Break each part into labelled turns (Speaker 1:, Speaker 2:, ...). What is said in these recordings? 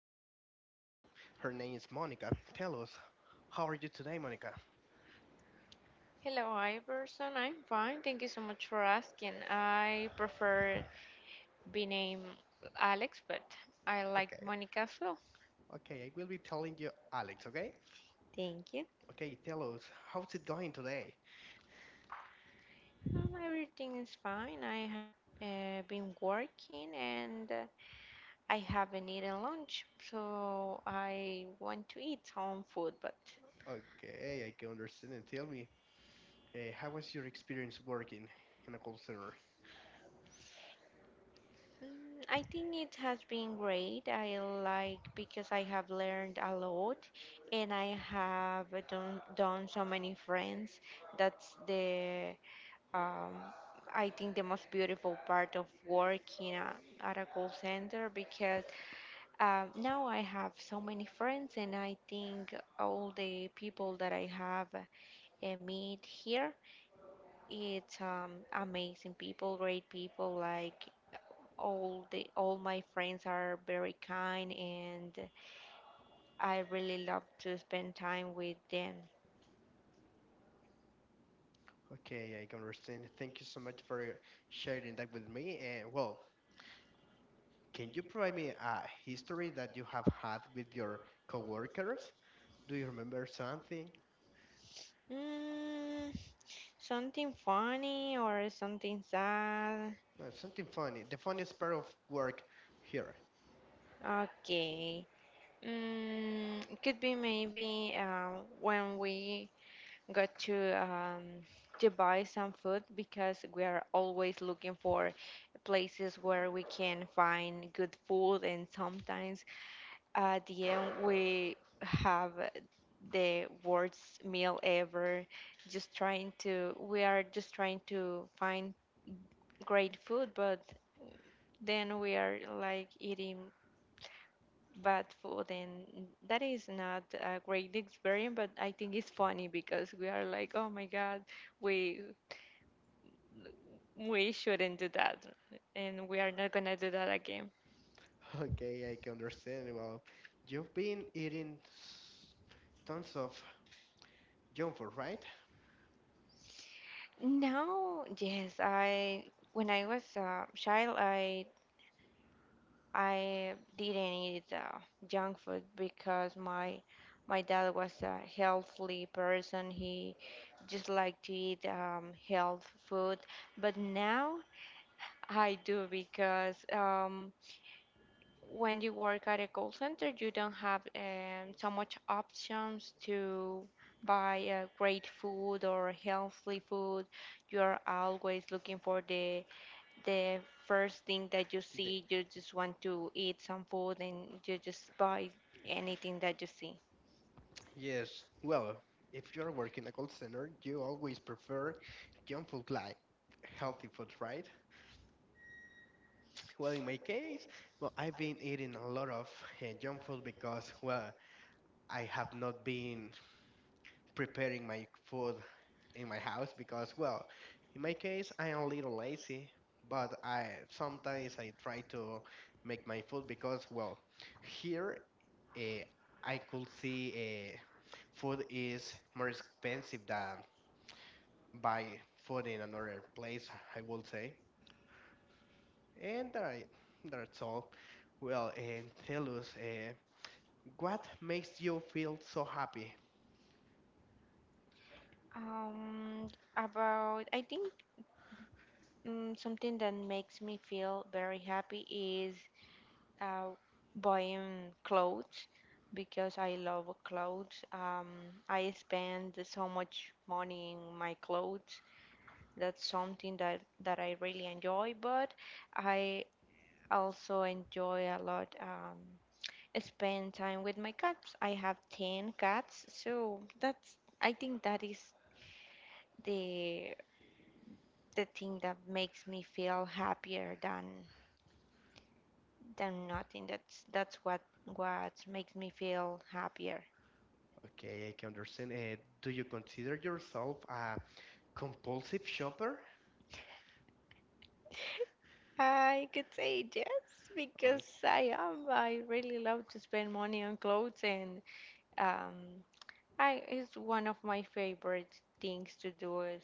Speaker 1: special guest. Her name is Monica. Tell us, how are you today, Monica?
Speaker 2: Hello, Iverson. I'm fine. Thank you so much for asking. I prefer be named Alex, but I like
Speaker 1: Okay,
Speaker 2: Monica as well.
Speaker 1: okay, I will be telling you, Alex, okay?
Speaker 2: Thank you.
Speaker 1: Okay, tell us, how's it going today?
Speaker 2: Everything is fine. I have been working, and I haven't eaten lunch, so I want to eat some food, but
Speaker 1: Okay, I can understand and tell me, how was your experience working in a call center?
Speaker 2: I think it has been great. I like because I have learned a lot and I have done so many friends. That's um, I think, the most beautiful part of working at a call center, because now I have so many friends, and I think all the people that I have meet here, it's amazing people, great people. Like all my friends are very kind, and I really love to spend time with them.
Speaker 1: Okay, I can understand. Thank you so much for sharing that with me. And well, can you provide me a history that you have had with your coworkers? Do you remember something?
Speaker 2: Mm, Something funny or something sad.
Speaker 1: Something funny. The funniest part of work here.
Speaker 2: Okay. It could be, maybe, when we got to buy some food, because we are always looking for places where we can find good food, and sometimes at the end we have the worst meal ever. We are just trying to find great food, but then we are like eating bad food, and that is not a great experience. But I think it's funny, because we are like, oh my God, we we shouldn't do that, and we are not gonna do that again.
Speaker 1: Okay, I can understand. Well, you've been eating tons of junk food, right?
Speaker 2: Now, yes. I When I was a child, I didn't eat junk food, because my dad was a healthy person. He just liked to eat health food. But now I do, because when you work at a call center, you don't have so much options to buy great food or healthy food. You are always looking for the first thing that you
Speaker 1: The-
Speaker 2: see, you just want to eat some food, and you just buy anything that you see.
Speaker 1: yes. Well, if you're working in a call center, you always prefer junk food like healthy food, right? Well, in my case, well, I've been eating a lot of junk food because, well, I have not been preparing my food in my house because, well, in my case, I am a little lazy, but I sometimes I try to make my food because, well, here uh, I could see food is more expensive than buy food in another place. I would say, and I, that's all. Well, and tell us, what makes you feel so happy?
Speaker 2: Um, about, I think, something that makes me feel very happy is uh, buying clothes, because I love clothes. I spend so much money in my clothes. That's something that I really enjoy, but I also enjoy a lot. Spend time with my cats. I have 10 cats, so that's, I think, that is the the thing that makes me feel happier than nothing. That's what makes me feel happier.
Speaker 1: Okay, I can understand. Do you consider yourself a compulsive shopper?
Speaker 2: I could say yes, because I am. I really love to spend money on clothes, and um, I it's one of my favorite things to do. Is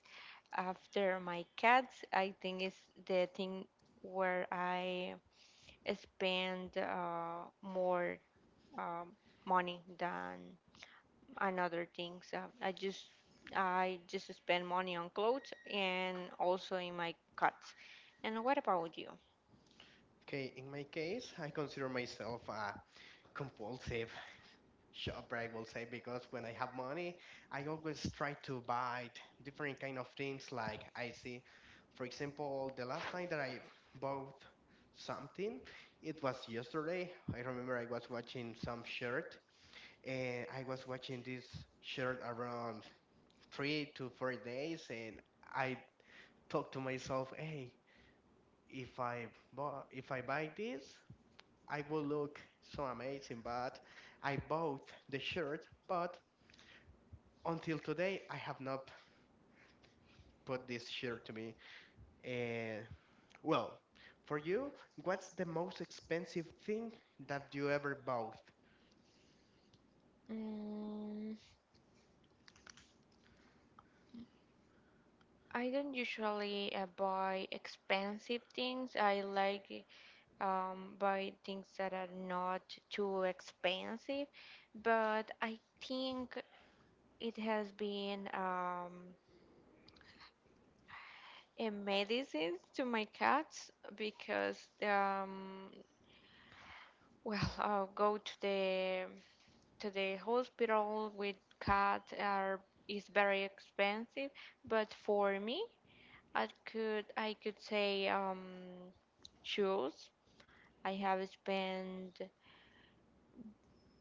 Speaker 2: After my cats, I think, is the thing where I spend more, um, money than on other things. I just spend money on clothes, and also in my cuts. And what about you?
Speaker 1: Okay, in my case, I consider myself a compulsive shopper, I will say, because when I have money, I always try to buy different kind of things like I see. For example, the last time that I bought something, it was yesterday. I remember I was watching some shirt, and I was watching this shirt around 3 to 4 days, and I thought to myself, hey, if I if I buy this, I will look so amazing. But I bought the shirt, but until today, I have not put this shirt to me. Uh, well, for you, what's the most expensive thing that you ever bought?
Speaker 2: Mm, I don't usually buy expensive things. I like, buy things that are not too expensive, but I think it has been, medicines to my cats, because well, I'll go to the hospital with cat are is very expensive. But for me, I could, say shoes. I have spent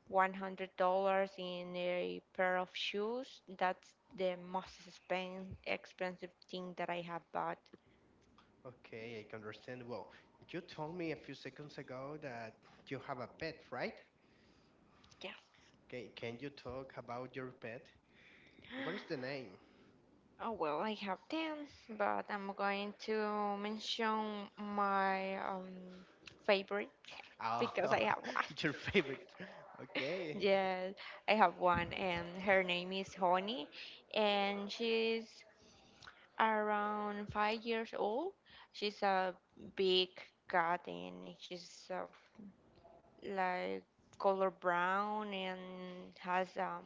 Speaker 2: $100 in a pair of shoes. That's the most expensive thing that I have bought.
Speaker 1: Okay, I can understand. Well, you told me a few seconds ago that you have a pet, right?
Speaker 2: Yes.
Speaker 1: Okay, can you talk about your pet? What is the name?
Speaker 2: Oh, well, I have 10, but I'm going to mention my favorite,
Speaker 1: Oh,
Speaker 2: because I have one.
Speaker 1: your favorite. Okay,
Speaker 2: Yes, I have one, and her name is Honey, and she's around 5 years old. She's a big cat, and she's like color brown, and has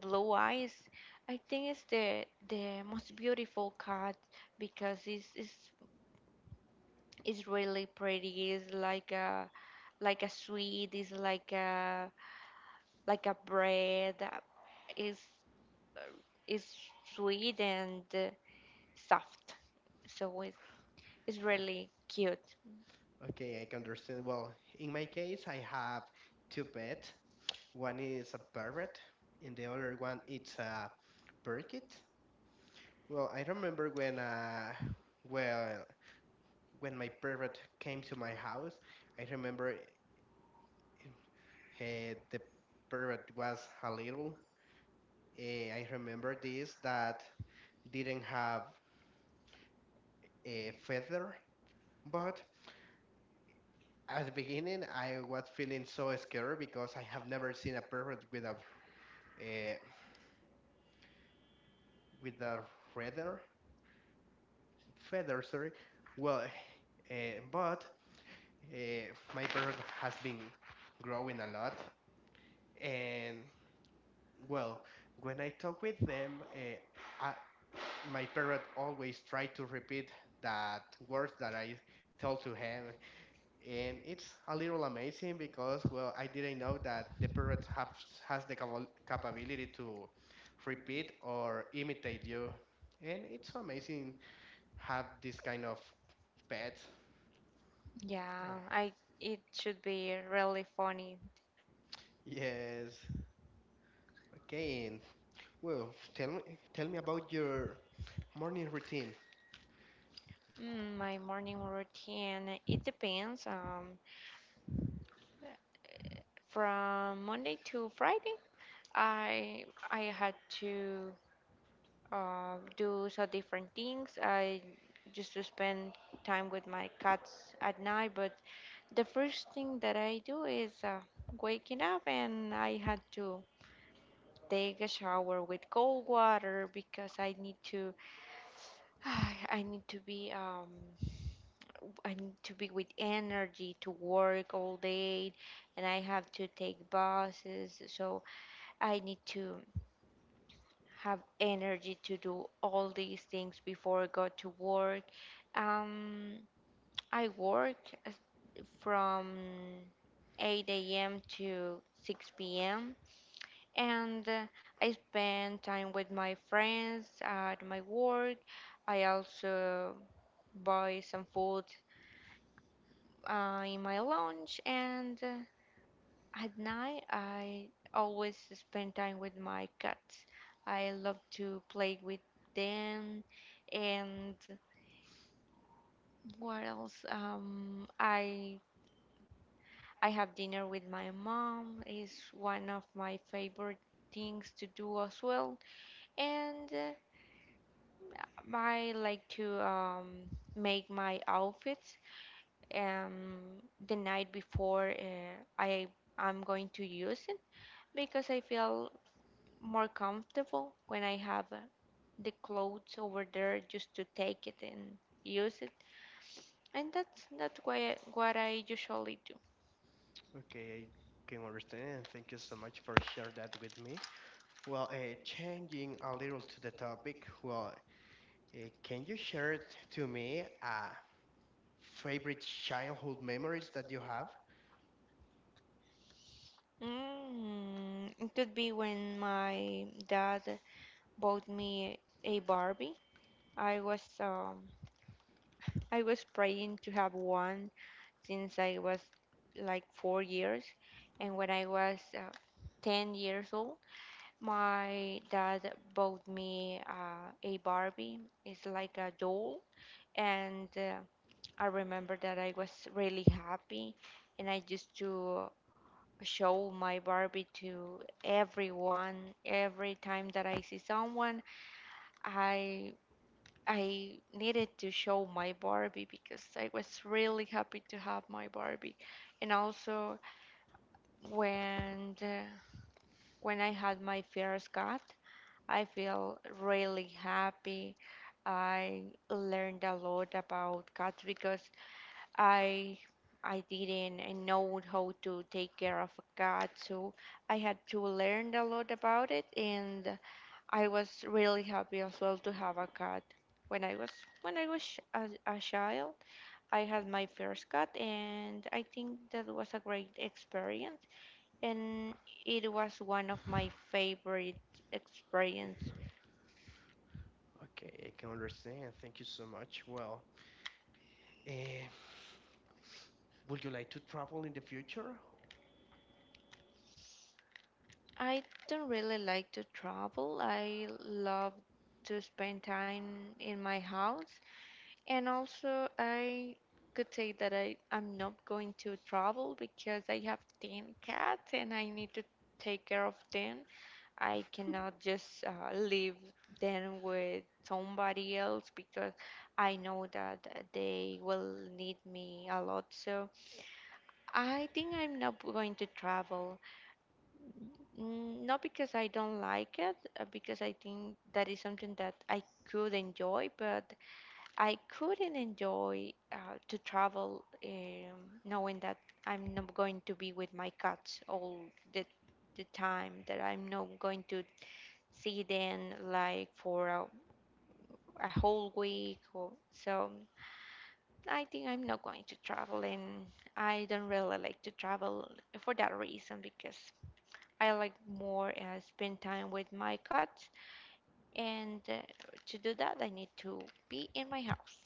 Speaker 2: blue eyes. I think it's the most beautiful cat, because it's really pretty. It's like a sweet. It's like a bread. It's uh, it's sweet and soft. So it's really cute.
Speaker 1: okay, I can understand. Well, in my case, I have two pets. One is a parrot, and the other one it's a parakeet. Well, I remember when well, when my parrot came to my house, I remember uh, the parrot was a little. Uh, I remember this that didn't have a feather, but at the beginning I was feeling so scared because I have never seen a parrot uh, with a feather feather, sorry. Well, uh, but uh, my parrot has been growing a lot, and well, when I talk with them, I, my parrot always try to repeat that words that I told to him, and it's a little amazing because well, I didn't know that the parrot has the capability to repeat or imitate you, and it's amazing have this kind of pets. Yeah.
Speaker 2: Yeah, I it should be really funny.
Speaker 1: Yes. Okay, and well, tell me about your morning routine.
Speaker 2: My morning routine. It depends. From Monday to Friday, I had to do so different things. I used to spend time with my cats at night, but the first thing that I do is waking up, and I had to take a shower with cold water, because I need to I need to be um I need to be with energy to work all day, and I have to take buses, so I need to have energy to do all these things before I go to work. Um, I work as- from 8 a.m. to 6 p.m., and I spend time with my friends at my work. I also buy some food in my lunch, and at night, I always spend time with my cats. I love to play with them, and what else? I have dinner with my mom, is one of my favorite things to do as well. And I like to, make my outfits, um, the night before I'm going to use it, because I feel more comfortable when I have the clothes over there, just to take it and use it. And that's why what I usually do.
Speaker 1: Okay, I can understand. And thank you so much for sharing that with me. Well, changing a little to the topic. Well, can you share it to me favorite childhood memories that you have?
Speaker 2: It could be when my dad bought me a Barbie. I was um, I was praying to have one since I was like 4 years, and when I was 10 years old, my dad bought me a Barbie. It's like a doll, and I remember that I was really happy, and I used to show my Barbie to everyone. Every time that I see someone, I I needed to show my Barbie, because I was really happy to have my Barbie. And also when the, when I had my first cat, I feel really happy. I learned a lot about cats, because I I didn't know how to take care of a cat, so I had to learn a lot about it, and I was really happy as well to have a cat. When I was when I was a child, I had my first cat, and I think that was a great experience, and it was one of my favorite experience.
Speaker 1: Okay, I can understand. Thank you so much. Well, uh, would you like to travel in the future?
Speaker 2: I don't really like to travel. I love to spend time in my house. And also, I could say that I'm not going to travel, because I have 10 cats and I need to take care of them. I cannot just leave them with somebody else, because I know that they will need me a lot. So I think I'm not going to travel. Not because I don't like it, because I think that is something that I could enjoy, but I couldn't enjoy to travel, knowing that I'm not going to be with my cats all the, the time, that I'm not going to see them, like, for a whole week or so. I think I'm not going to travel, and I don't really like to travel for that reason, because I like more, spend time with my cats, and to do that I need to be in my house.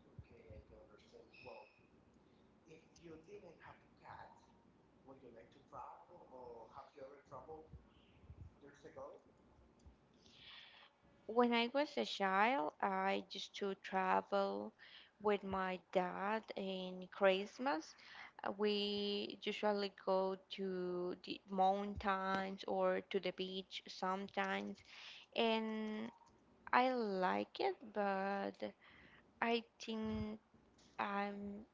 Speaker 1: Okay, I can understand. Well, if you didn't have cat, would you like to travel or have you ever traveled years ago?
Speaker 2: When I was a child, I used to travel with my dad in Christmas. We usually go to the mountains or to the beach sometimes, and I like it, but I think I'm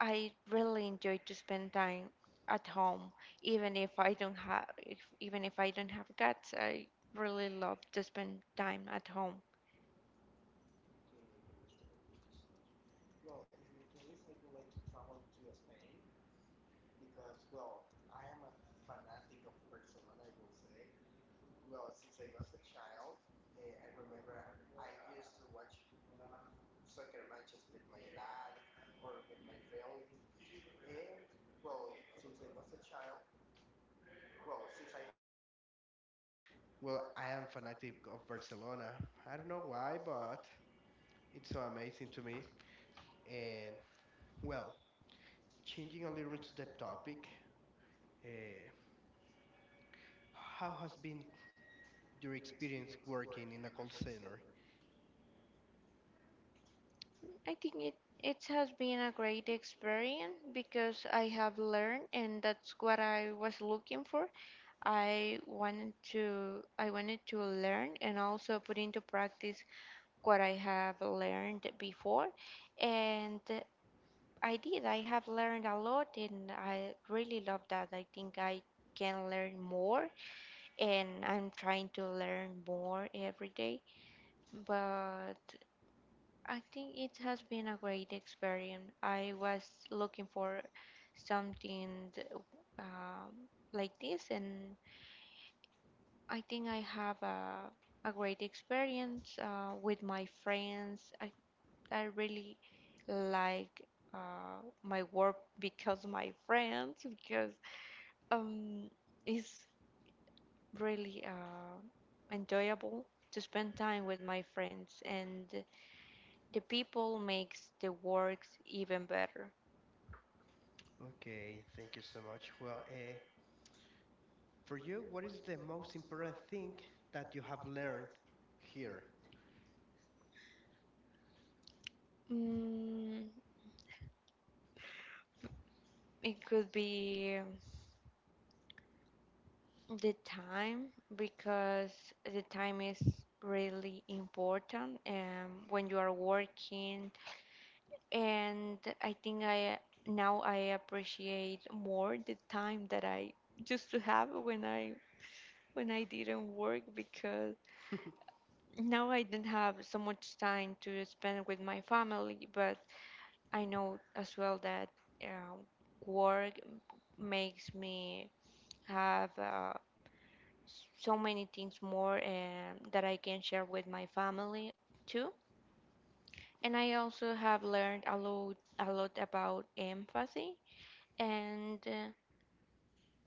Speaker 2: I really enjoy to spend time at home, even if I don't have, if, even if I don't have cats, I really love to spend time at home.
Speaker 1: Okay, I can understand. Thank you so much. Well, in my case, I would like to travel to Spain because, well, I am a fanatic of Barcelona, I will say. Well, since I was a child, I remember I used to watch soccer matches with my dad or with my family. And, well, since I was a child, well, since I have memories, well, I am fanatic of Barcelona. I don't know why, but it's so amazing to me. And well, changing a little to the topic, uh, how has been your experience working in a call center?
Speaker 2: I think it has been a great experience, because I have learned, and that's what I was looking for. I wanted to learn, and also put into practice what I have learned before, and I did. I have learned a lot, and I really love that. I think I can learn more, and I'm trying to learn more every day. But I think it has been a great experience. I was looking for something th- um, like this, and I think I have a great experience with my friends. I really like my work, because my friends, because um, it's really enjoyable to spend time with my friends, and the people makes the works even better.
Speaker 1: Okay, thank you so much. Well, for you, what is the most important thing that you have learned here?
Speaker 2: Mm, it could be the time, because the time is really important when you are working. And I think I now I appreciate more the time that I used to have when I didn't work, because now I don't have so much time to spend with my family. But I know as well that uh, work makes me have. So many things more, that I can share with my family too. And I also have learned a lot about empathy, and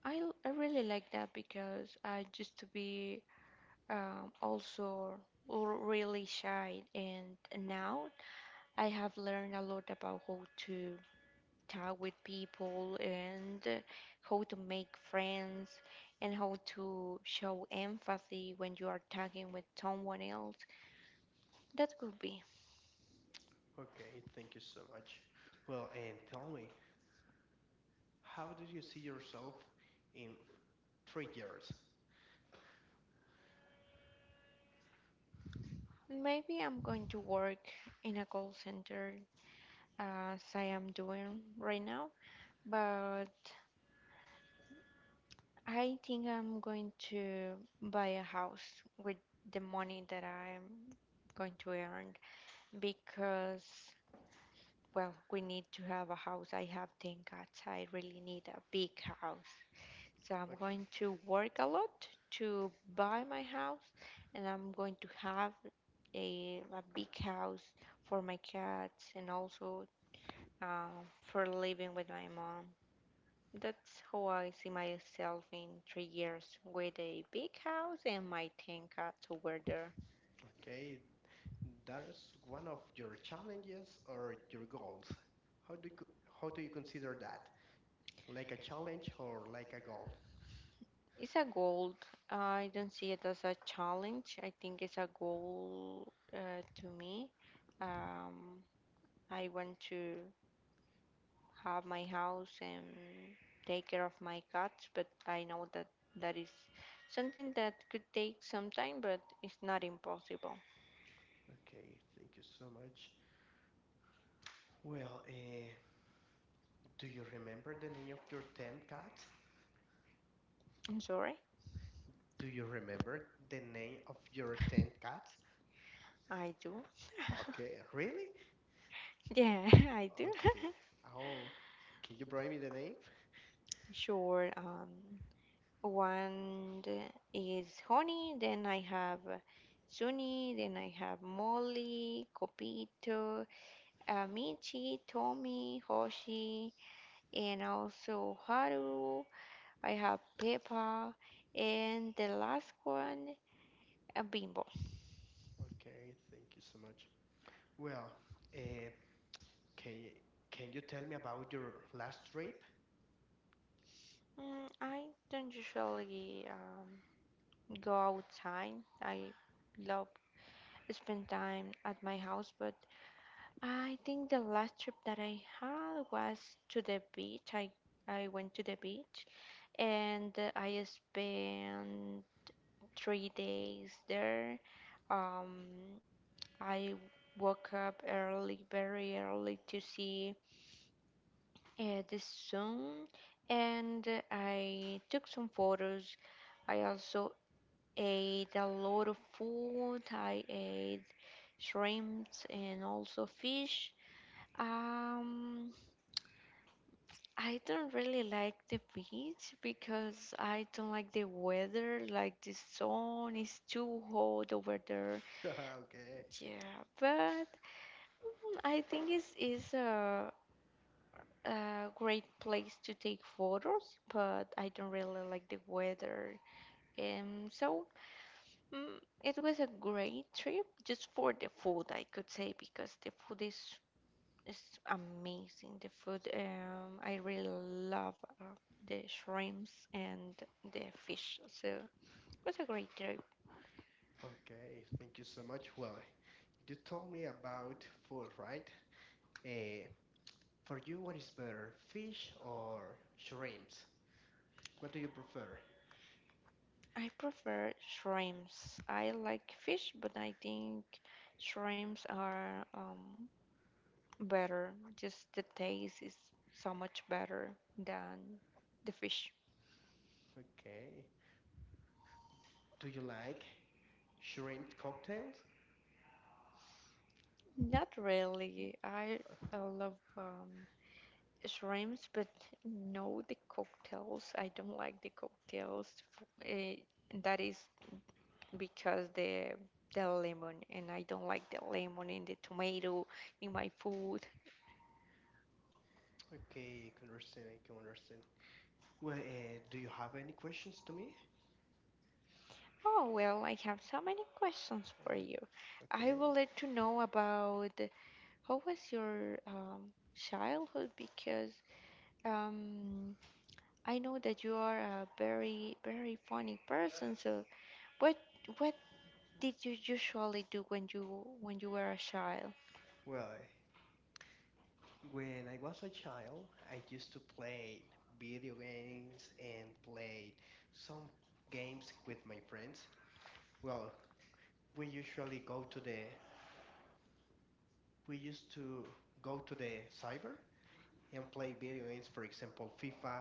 Speaker 2: I really like that, because I used to be, also really shy, and now I have learned a lot about how to talk with people, and how to make friends and how to show empathy when you are talking with someone else. That could be.
Speaker 1: Okay, thank you so much. Well, and tell me, how do you see yourself in 3 years?
Speaker 2: Maybe I'm going to work in a call center as I am doing right now, but I think I'm going to buy a house with the money that I'm going to earn because, well, we need to have a house. I have 10 cats. I really need a big house. So I'm
Speaker 1: Okay.
Speaker 2: going to work a lot to buy my house and I'm going to have a big house for my cats and also for living with my mom. That's how I see myself in 3 years with a big house and my 10 cats over
Speaker 1: Okay,
Speaker 2: there.
Speaker 1: okay, that's one of your challenges or your goals. How do you, how do you consider that? Like a challenge or like a goal?
Speaker 2: It's a goal. I don't see it as a challenge. I think it's a goal to me. Um, I want to have my house and take care of my cats, but I know that that is something that could take some time, but it's not impossible.
Speaker 1: Okay, thank you so much. Well, do you remember the name of your 10 cats?
Speaker 2: I'm sorry,
Speaker 1: Do you remember the name of your 10 cats?
Speaker 2: I do.
Speaker 1: Okay, really?
Speaker 2: Yeah. I do.
Speaker 1: Okay. Oh, can you bring me the name?
Speaker 2: Sure. One is Honey, then I have Sunny, then I have Molly, Copito, Michi, Tommy, Hoshi, and also Haru, I have Pepper, and the last one, a Bimbo.
Speaker 1: Okay, thank you so much. Well, uh, can you, can you tell me about your last trip?
Speaker 2: I don't usually go outside. I love spend time at my house, but I think the last trip that I had was to the beach. I went to the beach and I spent 3 days there. Um, I woke up early, very early to see this soon and I took some photos. I also ate a lot of food. I ate shrimps and also fish. Um, I don't really like the beach because I don't like the weather. Like the sun is too hot over there.
Speaker 1: Okay.
Speaker 2: Yeah, but I think it's is a great place to take photos, but I don't really like the weather. Um, so it was a great trip just for the food, I could say, because the food is amazing. The food, I really love uh, the shrimps and the fish. So it was a great trip.
Speaker 1: Okay, thank you so much. Well, you told me about food, right? Uh, for you, what is better, fish or shrimps? What do you prefer?
Speaker 2: I prefer shrimps. I like fish, but I think shrimps are better. Just the taste is so much better than the fish.
Speaker 1: Okay. Do you like shrimp cocktails?
Speaker 2: Not really. I love shrimps, but no, the cocktails. I don't like the cocktails. Uh, that is because the lemon, and I don't like the lemon in the tomato in my food.
Speaker 1: Okay, I can understand. I can understand. Well, do you have any questions to me?
Speaker 2: Oh well, I have so many questions for you.
Speaker 1: Uh,
Speaker 2: I
Speaker 1: okay.
Speaker 2: would like to know about how was your childhood because Um, I know that you are a very, very funny person, so what what did you usually do when you were a child?
Speaker 1: Well, when I was a child, I used to play video games and play some games with my friends. Well, we usually go to the we used to go to the cyber and play video games, for example, FIFA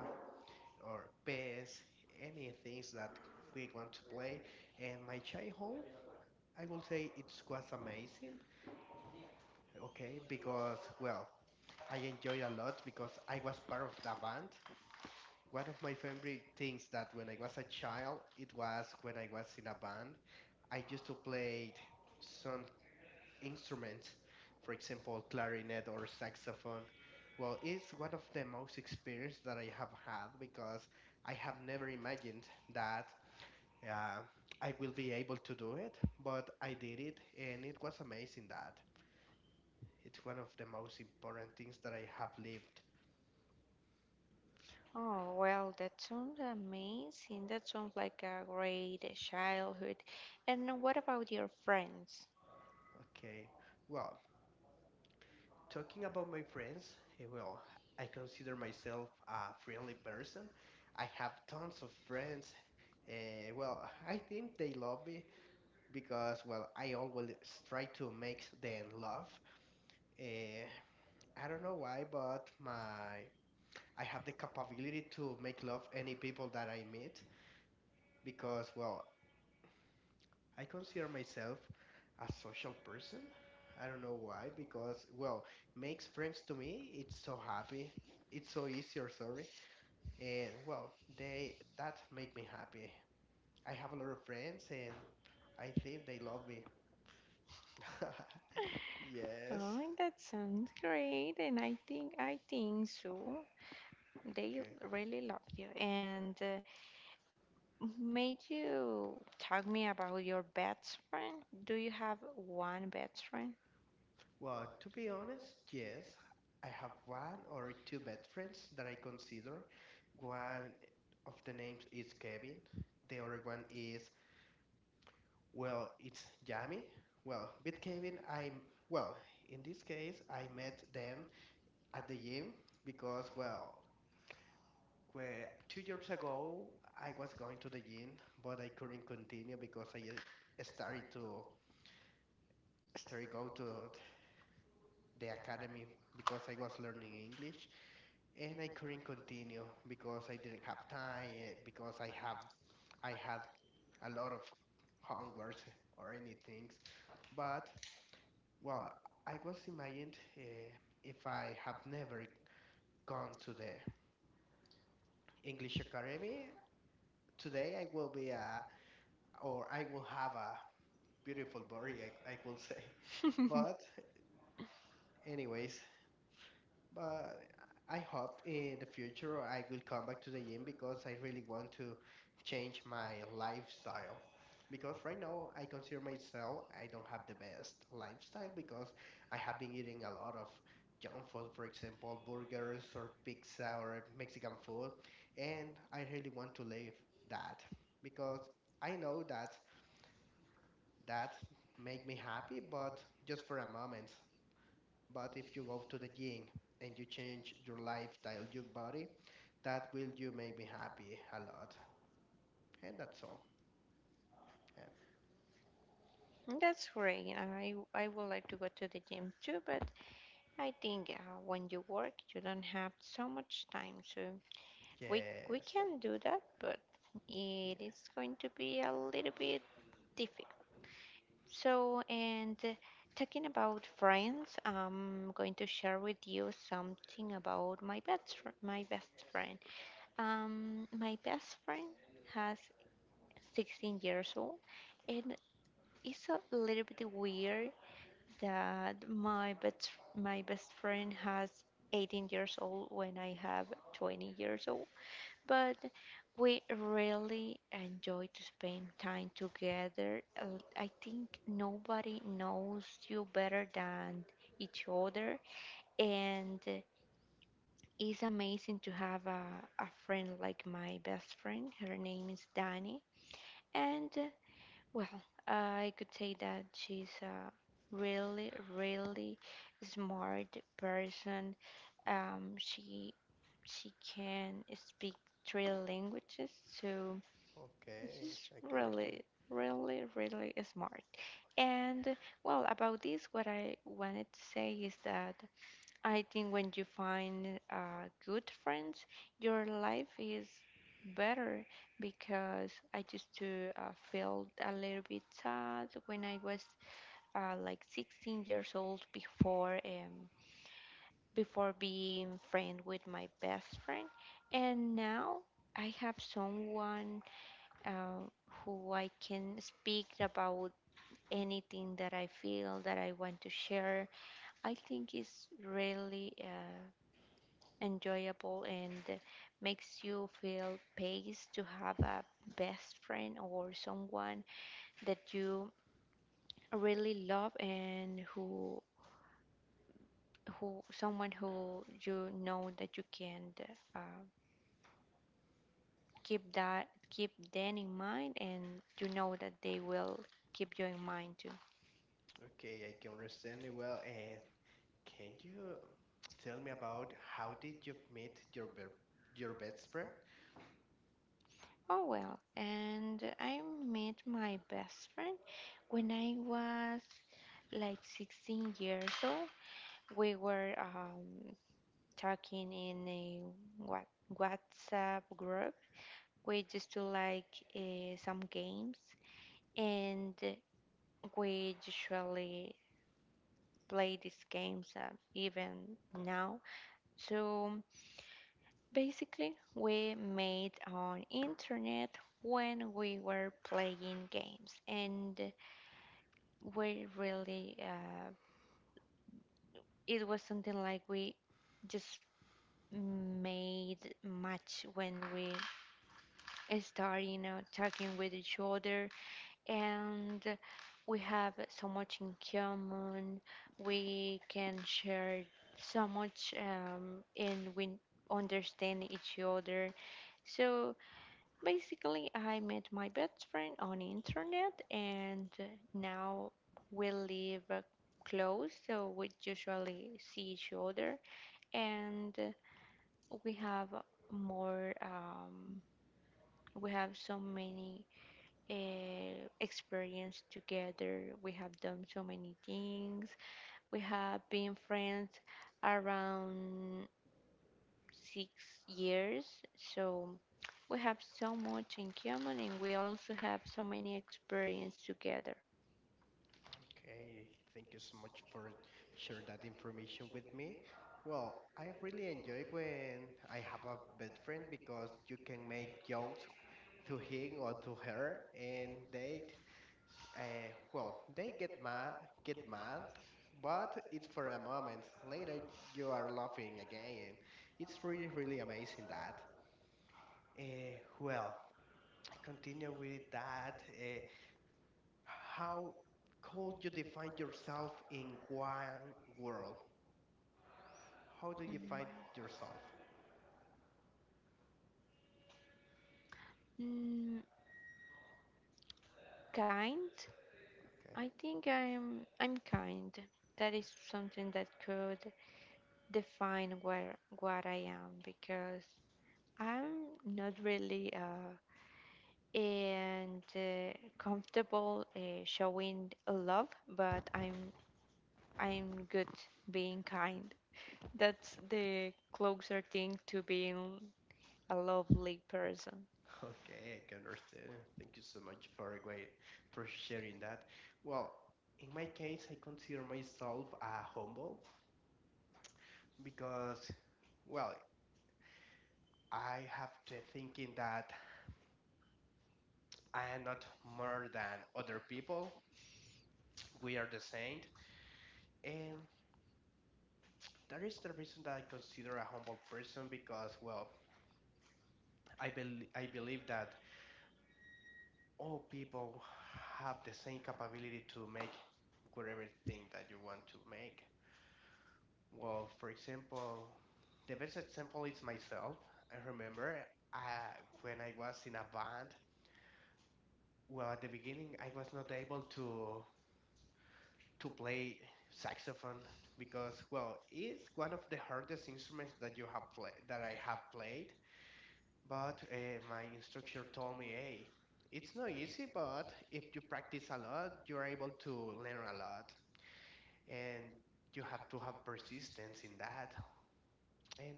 Speaker 1: or PS, any things that we want to play, and my childhood, I will say, it was amazing. Okay, because well, I enjoyed a lot because I was part of the band. One of my favorite things that when I was a child, it was when I was in a band. I used to play some instrument, for example, clarinet or saxophone. Well, it's one of the most experience that I have had because I have never imagined that uh, I will be able to do it, but I did it, and it was amazing, that it's one of the most important things that I have lived.
Speaker 2: Oh, well, that sounds amazing. That sounds like a great childhood. And what about your friends?
Speaker 1: Okay, well, talking about my friends, well, I consider myself a friendly person. I have tons of friends. Well, I think they love me because well, I always try to make them love, uh, I don't know why, but my I have the capability to make love any people that I meet because well, I consider myself a social person. I don't know why, because well, makes friends to me, it's so happy, it's so easy, or sorry. And well, they that make me happy. I have a lot of friends, and I think they love me. Yes.
Speaker 2: Oh, that sounds great, and I think so. They
Speaker 1: Okay.
Speaker 2: really love you, and Made you talk me about your best friend? Do you have one best friend?
Speaker 1: Well, to be honest, yes. I have one or two best friends that I consider. One of the names is Kevin. The other one is, well, it's Yami. Well, with Kevin, I'm, well, in this case, I met them at the gym because, well, where 2 years ago, I was going to the gym, but I couldn't continue because I started to started go to the academy because I was learning English, and I couldn't continue because I didn't have time, because I had a lot of homework or anything. But well, I was imagined if I have never gone to the English Academy, today I will be a or I will have a beautiful body, I will say. But anyways, but I hope in the future I will come back to the gym because I really want to change my lifestyle. Because right now I consider myself I don't have the best lifestyle because I have been eating a lot of junk food, for example, burgers or pizza or Mexican food, and I really want to leave that because I know that that make me happy, but just for a moment. But if you go to the gym and you change your lifestyle, your body, that will you make me happy a lot. And that's all. Yeah.
Speaker 2: That's great. I would like to go to the gym too, but I think when you work, you don't have so much time. So we we
Speaker 1: Yes.
Speaker 2: can do that, but
Speaker 1: Yeah.
Speaker 2: it is going to be a little bit difficult. So, and talking about friends, I'm going to share with you something about my best friend. My best friend has 16 years old, and it's a little bit weird that my best friend has 18 years old when I have 20 years old. But we really enjoy to spend time together. I think nobody knows you better than each other, and it's amazing to have a friend like my best friend. Her name is Dani. And, well, I could say that she's a really, really smart person. Um, she, she can speak 3 languages, so
Speaker 1: Okay.
Speaker 2: she's
Speaker 1: I can understand.
Speaker 2: really, really, really smart. And, well, about this, what I wanted to say is that I think when you find good friends, your life is better because I used to feel a little bit sad when I was like 16 years old before before being friend with my best friend, and now I have someone uh, who I can speak about anything that I feel that I want to share. I think it's really enjoyable and makes you feel pleased to have a best friend or someone that you really love and who someone who you know that you can uh, keep that keep them in mind, and you know that they will keep you in mind too.
Speaker 1: Okay, I can understand it well. Can you tell me about how did you meet your best friend?
Speaker 2: Oh well, and I met my best friend when I was like 16 years old. We were talking in a what, WhatsApp group. We used to like some games, and we usually play these games even now. So basically, we made on internet when we were playing games, and we really it was something like we just made match when we start, you know, talking with each other, and we have so much in common. We can share so much, and we understand each other. So basically, I met my best friend on internet, and now we live close, so we usually see each other, and we have more. We have so many experience together. We have done so many things. We have been friends around 6 years, so we have so much in common, and we also have so many experience together.
Speaker 1: Okay, thank you so much for sharing that information with me. Well, I really enjoy when I have a best friend because you can make jokes to him or to her, and they, well, they get mad, but it's for a moment. Later, you are laughing again, and it's really, really amazing that. Well, continue with that. How could you define yourself in one world? How do you
Speaker 2: Mm,
Speaker 1: find yourself?
Speaker 2: Mm, Kind.
Speaker 1: Okay.
Speaker 2: I think I'm kind. That is something that could define where what I am because I'm not really a and comfortable showing love, but I'm good being kind. That's the closer thing to being a lovely person.
Speaker 1: Okay, I can understand. Thank you so much for sharing that. Well, in my case, I consider myself a humble because, well, I have the thinking that I am not more than other people. We are the same, and that is the reason that I consider a humble person because, well, I believe that all people have the same capability to make whatever thing that you want to make. Well, for example, the best example is myself. I remember uh, when I was in a band. Well, at the beginning, I was not able to play saxophone because, well, it's one of the hardest instruments that you have play that I have played. But my instructor told me, "Hey, it's not easy, but if you practice a lot, you're able to learn a lot, and you have to have persistence in that." And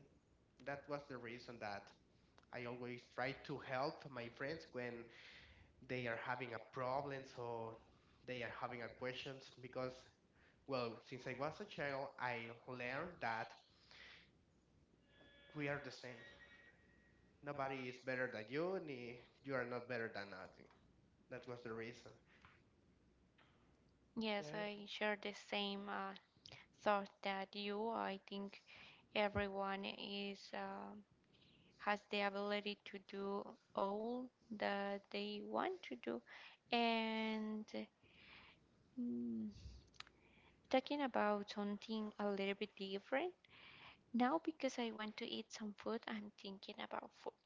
Speaker 1: that was the reason that I always try to help my friends when they are having a problems or they are having a questions because, well, since I was a child, I learned that we are the same. Nobody is better than you, and you are not better than nothing. That was the reason.
Speaker 2: Yes,
Speaker 1: Yes.
Speaker 2: I share the same thought that you. I think everyone is has the ability to do all that they want to do. And mm, talking about something a little bit different, now, because I want to eat some food, I'm thinking about food.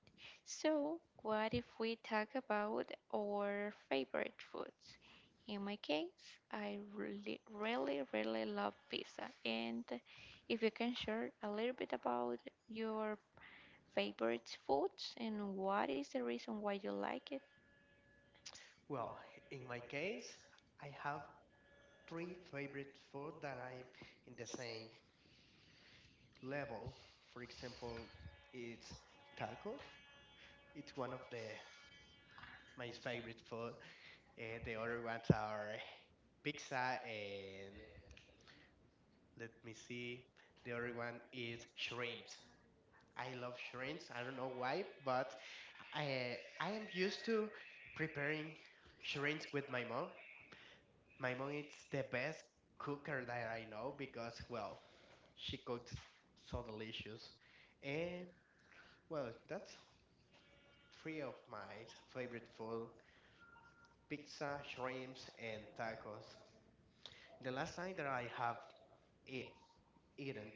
Speaker 2: So, what if we talk about our favorite foods? In my case, I really, really, really love pizza. And if you can share a little bit about your favorite foods and what is the reason why you like it,
Speaker 1: Well, in my case, I have three favorite food that I in the same level. For example, it's tacos. It's one of the my favorite food. The other ones are pizza and let me see. The other one is shrimps. I love shrimps. I don't know why, but I am used to preparing shrimps with my mom. My mom is the best cooker that I know because, well, she cooks so delicious. And well, that's three of my favorite food: pizza, shrimps, and tacos. The last time that I have e- eaten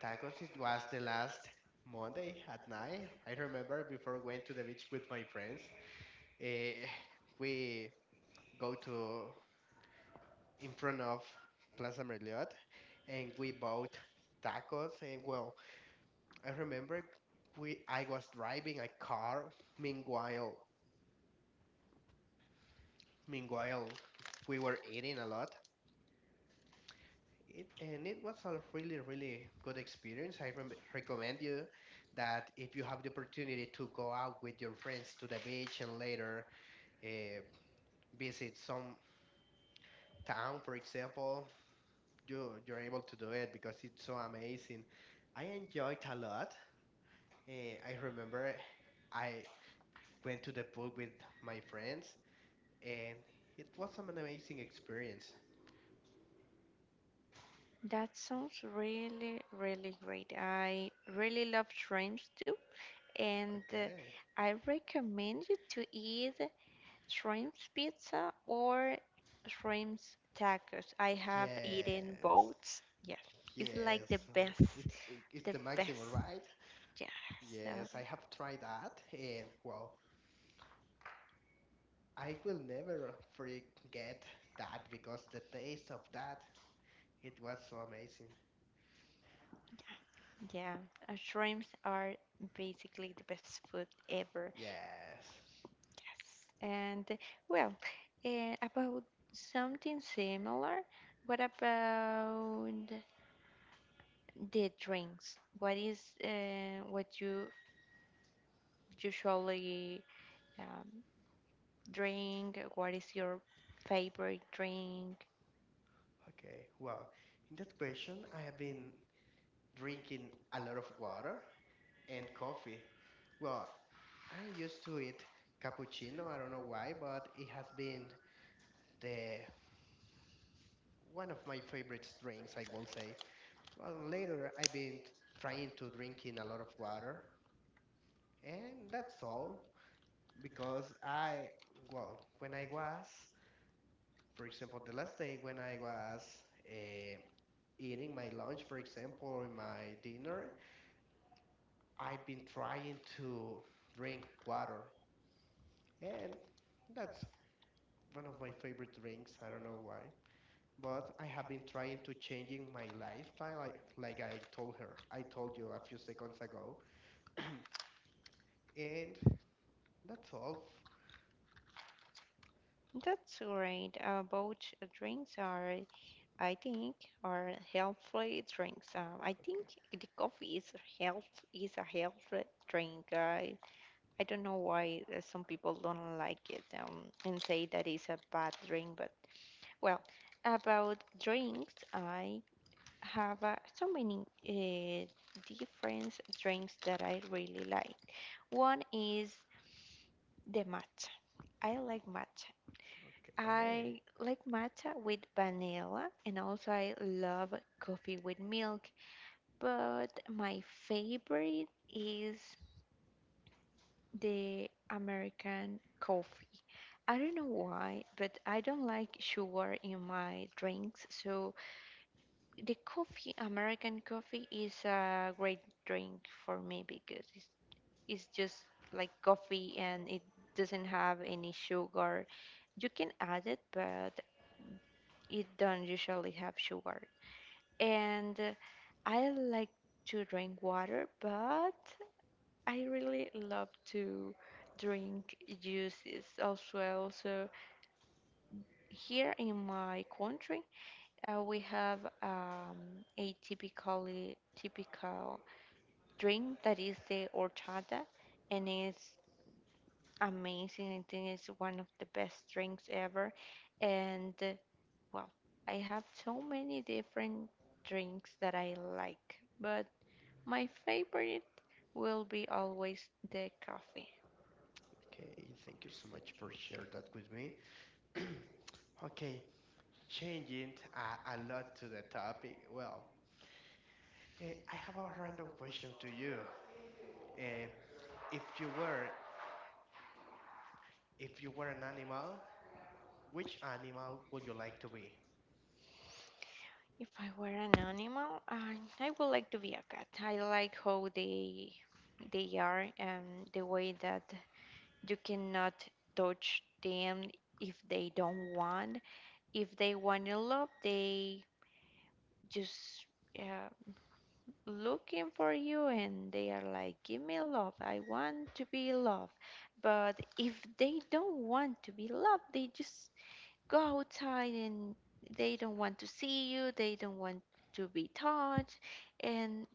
Speaker 1: tacos, it was the last Monday at night. I remember before going to the beach with my friends, eh, we go to in front of Plaza Merliot and we bought tacos. And well, I remember we I was driving a car. Meanwhile, meanwhile we were eating a lot. It and it was a really, really good experience. I rem recommend you that if you have the opportunity to go out with your friends to the beach and later uh, visit some town, for example, you're able to do it because it's so amazing. I enjoyed a lot. I remember I went to the pool with my friends, and it was an amazing experience.
Speaker 2: that sounds really, really great. I really love shrimps too, and
Speaker 1: Okay.
Speaker 2: I recommend you to eat shrimps pizza or shrimps tacos. I have eaten
Speaker 1: Yes.
Speaker 2: both. Yes, it's like the
Speaker 1: Yes,
Speaker 2: best,
Speaker 1: it's it's
Speaker 2: the
Speaker 1: the maximum,
Speaker 2: best.
Speaker 1: right?
Speaker 2: Yeah, so
Speaker 1: Yes, I have tried that, and well, I will never forget that because the taste of that, it was so amazing.
Speaker 2: yeah, shrimps are basically the best food ever.
Speaker 1: Yes.
Speaker 2: And well, about something similar, what about the drinks? What is what you usually? Um, drink? What is your favorite drink?
Speaker 1: Okay. Well, in that question, I have been drinking a lot of water and coffee. Well, I used to eat cappuccino. I don't know why, but it has been the one of my favorite drinks, I will say. Well, later I've been trying to drinking a lot of water, and that's all because I, well, when I was, for example, the last day when I was uh, eating my lunch, for example, or my dinner, I've been trying to drink water, and that's one of my favorite drinks. I don't know why, but I have been trying to changing my lifestyle, like I told her, I told you a few seconds ago, and that's all.
Speaker 2: That's great. Both drinks are, I think, are healthy drinks. I think the coffee health is a healthy drink. I don't know why some people don't like it and say that it's a bad drink. But well, about drinks, I have so many different drinks that I really like. One is the matcha. I like matcha.
Speaker 1: Okay,
Speaker 2: I like matcha with vanilla and also I love coffee with milk, but my favorite is the American coffee. I don't know why, but I don't like sugar in my drinks, so the coffee, American coffee, is a great drink for me because it's just like coffee and it doesn't have any sugar. You can add it, but it don't usually have sugar. And I like to drink water, but I really love to drink juices as well. So here in my country, we have a typically typical drink that is the horchata, and it's amazing. I think it's one of the best drinks ever. And well, I have so many different drinks that I like, but my favorite will be always the coffee.
Speaker 1: okay. Thank you so much for sharing that with me. Okay, changing a lot to the topic. Well, I have a random question to you. Eh, if you were if you were an animal, which animal would you like to be?
Speaker 2: If I were an animal, I would like to be a cat. I like how they are and the way that you cannot touch them if they don't want. If they want to love, they just uh, looking for you and they are like, give me love. I want to be loved. But if they don't want to be loved, they just go outside and they don't want to see you, they don't want to be touched, and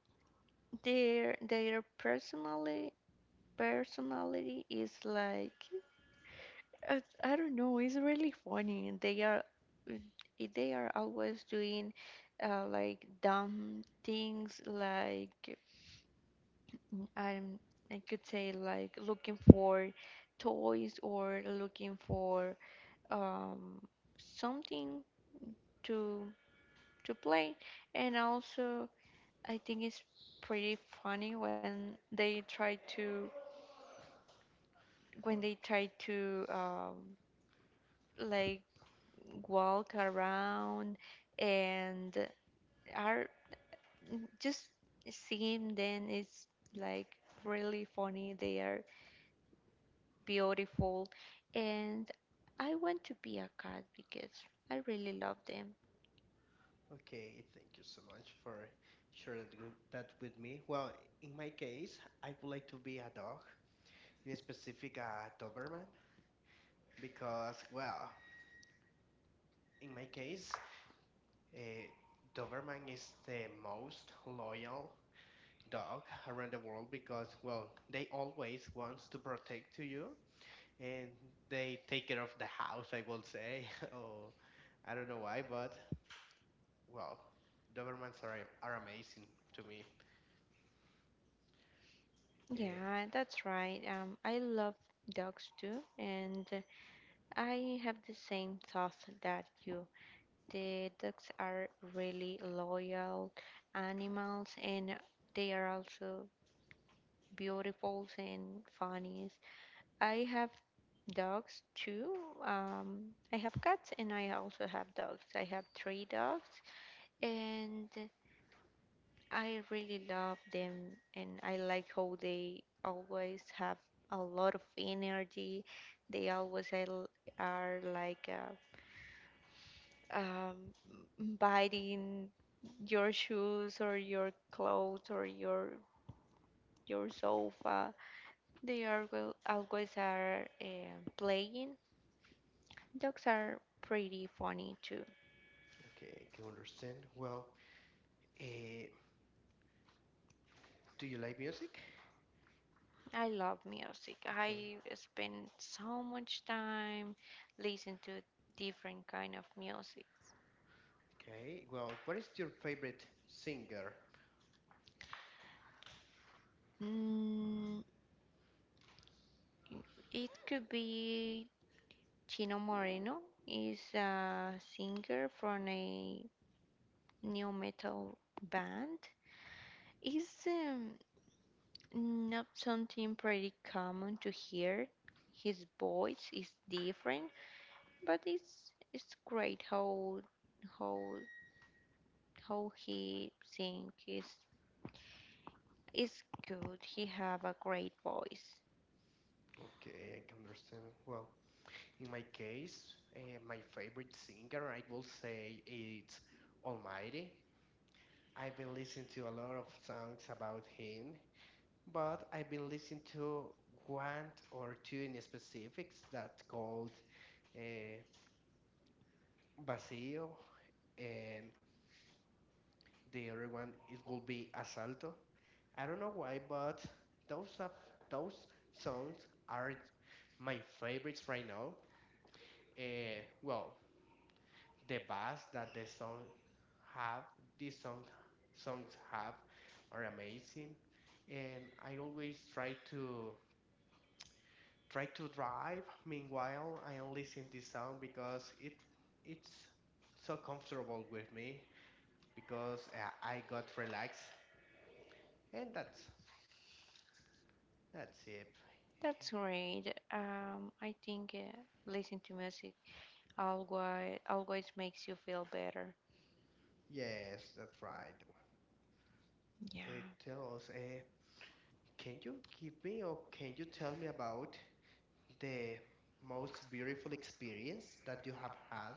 Speaker 2: their personality is like I don't know, it's really funny. And they are always doing like dumb things like I'm, I could say like looking for toys or looking for um, something to play. And also, I think it's pretty funny when they try to when they
Speaker 1: Okay,
Speaker 2: try to like walk around and are just seeing them is like really funny. They are beautiful. And I want to be a cat because I really love them.
Speaker 1: okay. Thank you so much for sharing that that with me. Well, in my case, I would like to be a dog, in specific a Doberman, because, well, in my case, Uh, Doberman is the most loyal dog around the world because, well, they always wants to protect to you and they take care of the house, I will say. Oh, I don't know why, but, well, Dobermans are amazing to me. Eh,
Speaker 2: Yeah, that's right. I love dogs too, and I have the same thought that you. The dogs are really loyal animals, and they are also beautiful and funny. I have dogs too. I have cats, and I also have dogs. I have three dogs, and I really love them and I like how they always have a lot of energy. They are like um, biting your shoes or your clothes or your sofa. They are always are playing. Dogs are pretty funny too.
Speaker 1: okay, I can understand. Well, eh, do you like music?
Speaker 2: I love music.
Speaker 1: Okay,
Speaker 2: I spend so much time listening to different kind of music.
Speaker 1: okay. Well, what is your favorite singer?
Speaker 2: Mm, it could be Chino Moreno is a singer from a new metal band. It's not something pretty common to hear. His voice is different, but it's great how how how he sings. Is good. He have a great voice.
Speaker 1: Okay, I can understand. Well, in my case, my favorite singer, I will say, it's Almighty. I've been listening to a lot of songs about him, but I've been listening to one or two in specifics that called uh, Vacío, and the other one it will be Asalto. I don't know why, but those of those songs are my favorites right now. Well, the bass that have these songs have are amazing and I always try to drive meanwhile I am listening this song because it's so comfortable with me because I got relaxed and that's it.
Speaker 2: That's great. I think listen to music always makes you feel better.
Speaker 1: Yes, that's right.
Speaker 2: Yeah.
Speaker 1: It tell us, can you give me or can you tell me about the most beautiful experience that you have had?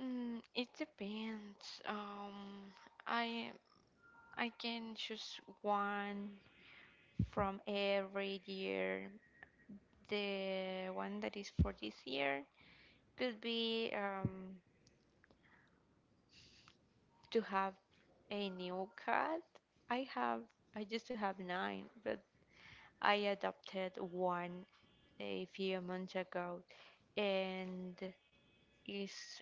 Speaker 2: Mm, it depends. I I can choose one from every year. The one that is for this year could be to have a new cat. I have I used to have nine, but I adopted one a few months ago, and it's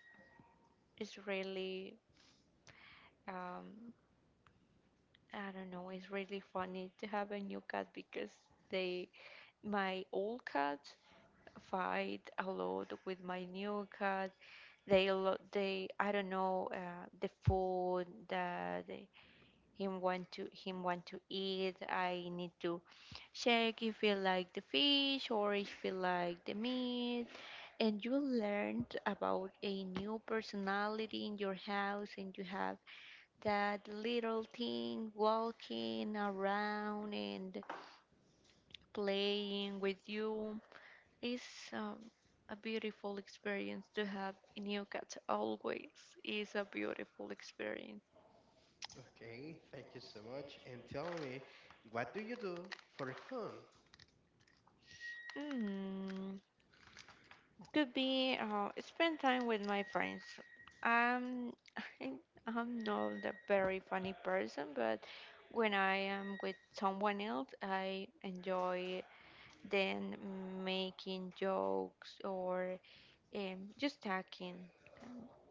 Speaker 2: it's really um I don't know. It's really funny to have a new cat because they, my old cat, fight a lot with my new cat. I don't know, the food that him want to eat. I need to check if he like the fish or if he like the meat. And you learned about a new personality in your house, and you have that little thing walking around and playing with you is um, a beautiful experience to have in your cat. Always is a beautiful experience.
Speaker 1: Okay, thank you so much. And tell me, what do you do for fun?
Speaker 2: Mm, could be spend time with my friends. Um, I'm not a very funny person, but when I am with someone else, I enjoy then making jokes or just talking.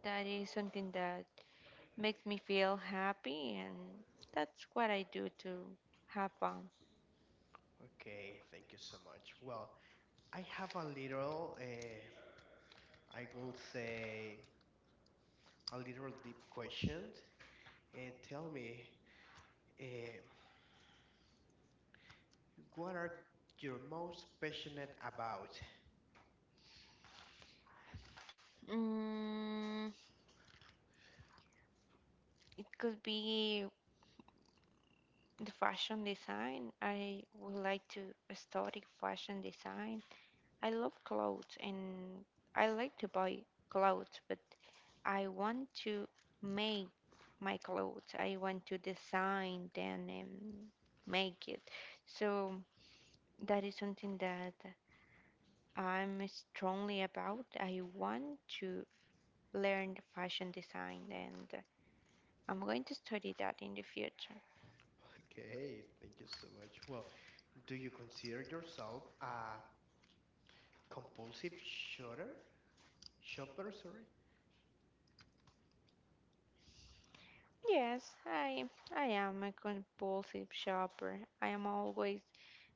Speaker 2: That is something that makes me feel happy, and that's what I do to have fun.
Speaker 1: Okay, thank you so much. Well, I have a little, I will say, a little deep question. Tell me, uh, what are you most passionate about?
Speaker 2: Mm, it could be the fashion design. I would like to study fashion design. I love clothes, and I like to buy clothes, but I want to make my clothes. I want to design them and make it. So that is something that I'm strongly about. I want to learn fashion design and I'm going to study that in the future.
Speaker 1: Okay, thank you so much. Well, do you consider yourself a compulsive shooter? Shopper, sorry?
Speaker 2: Yes, I am a compulsive shopper. I am always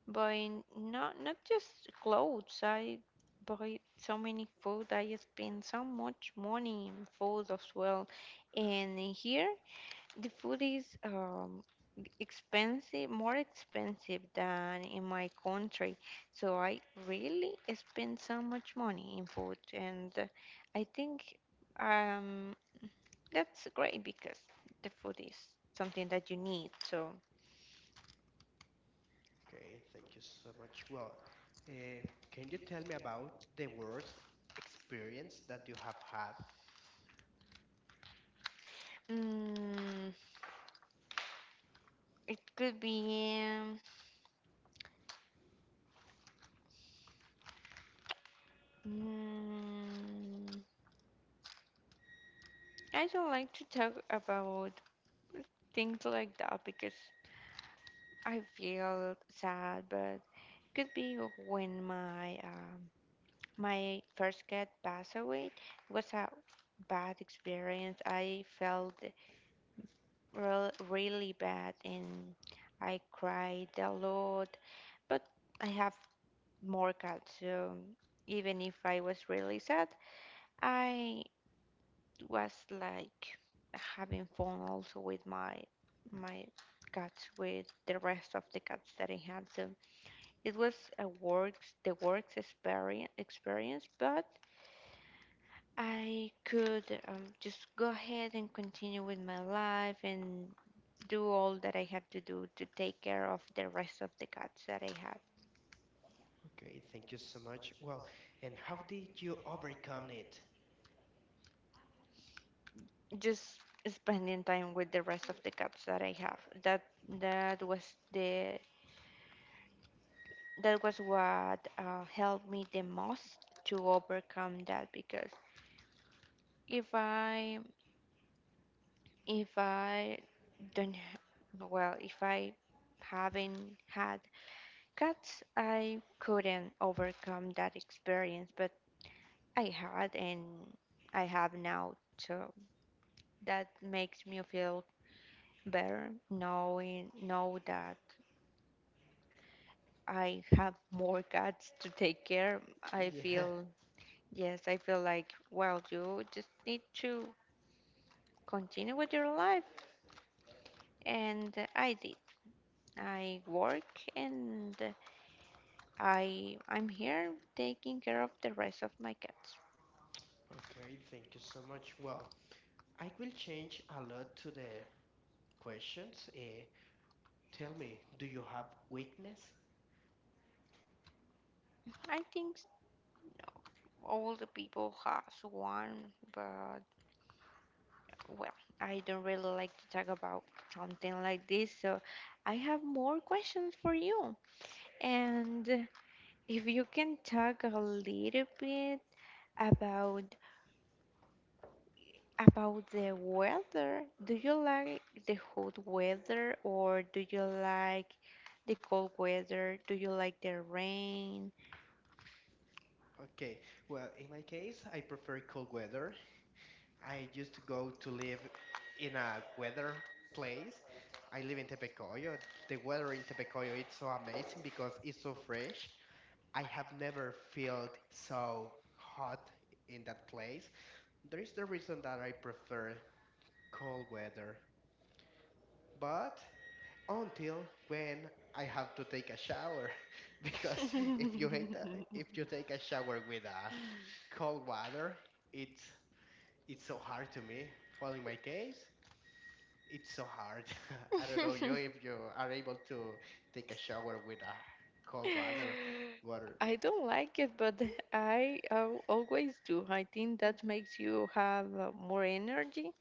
Speaker 2: buying not just clothes. I buy so many food. I spend so much money in food as well. And here the food is expensive, more expensive than in my country. So I really spend so much money in food, and I think um, that's great because the food is something that you need. So
Speaker 1: Okay, thank you so much. Well, uh, can you tell me about the worst experience that you have had?
Speaker 2: mm, it could be. Mm, I don't like to talk about things like that because I feel sad, but could be when my first cat passed away. It was a bad experience. I felt really bad and I cried a lot. But I have more cats, so even if I was really sad, I was like having fun also with my cats with the rest of the cats that I had. So it was a works experience, but I could just go ahead and continue with my life and do all that I have to do to take care of the rest of the cats that I have.
Speaker 1: Okay, thank you so much. Well, and how did you overcome it?
Speaker 2: Just spending time with the rest of the cats that I have. That that was the that was what helped me the most to overcome that because if I if I don't h- well if I haven't had cats, I couldn't overcome that experience, but I had and I have now, so that makes me feel better know that I have more cats to take care. I
Speaker 1: Yeah.
Speaker 2: feel yes, I feel like well, you just need to continue with your life, and I did. I work and I'm here taking care of the rest of my cats.
Speaker 1: Okay, thank you so much. Well, I will change a lot to the questions. Tell me, do you have weakness?
Speaker 2: I think all the people has one, but well, I don't really like to talk about something like this, so I have more questions for you. And if you can talk a little bit about about the weather, do you like the hot weather or do you like the cold weather? Do you like the rain?
Speaker 1: Okay, well, in my case, I prefer cold weather. I used to go to live in a weather place. I live in Tepecoyo. The weather in Tepecoyo it's so amazing because it's so fresh. I have never felt so hot in that place. There is the reason that I prefer cold weather, but until when I have to take a shower, because if you hate that, if you take a shower with a cold water, it's it's so hard to me. Well, in my case, it's so hard. I don't know you if you are able to take a shower with a cold water. Water.
Speaker 2: I don't like it, but I always do. I think that makes you have more energy.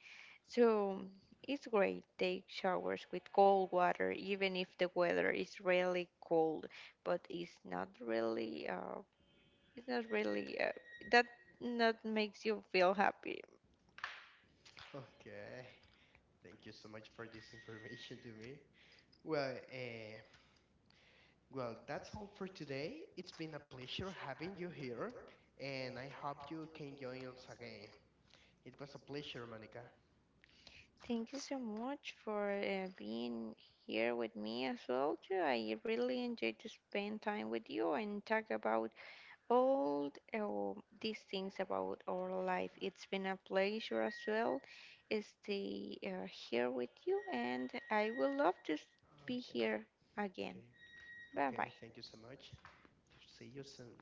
Speaker 2: So it's great. Take showers with cold water, even if the weather is really cold, but it's not really, that not makes you feel happy.
Speaker 1: Okay. Thank you so much for this information to me. Well, well, that's all for today. It's been a pleasure having you here, and I hope you can join us again. It was a pleasure, Monica.
Speaker 2: Thank you so much for being here with me as well, too. I really enjoyed to spend time with you and talk about all these things about our life. It's been a pleasure as well stay here with you, and I will love to be
Speaker 1: Okay,
Speaker 2: here again.
Speaker 1: okay,
Speaker 2: Bye
Speaker 1: okay.
Speaker 2: bye.
Speaker 1: Thank you so much. See you soon.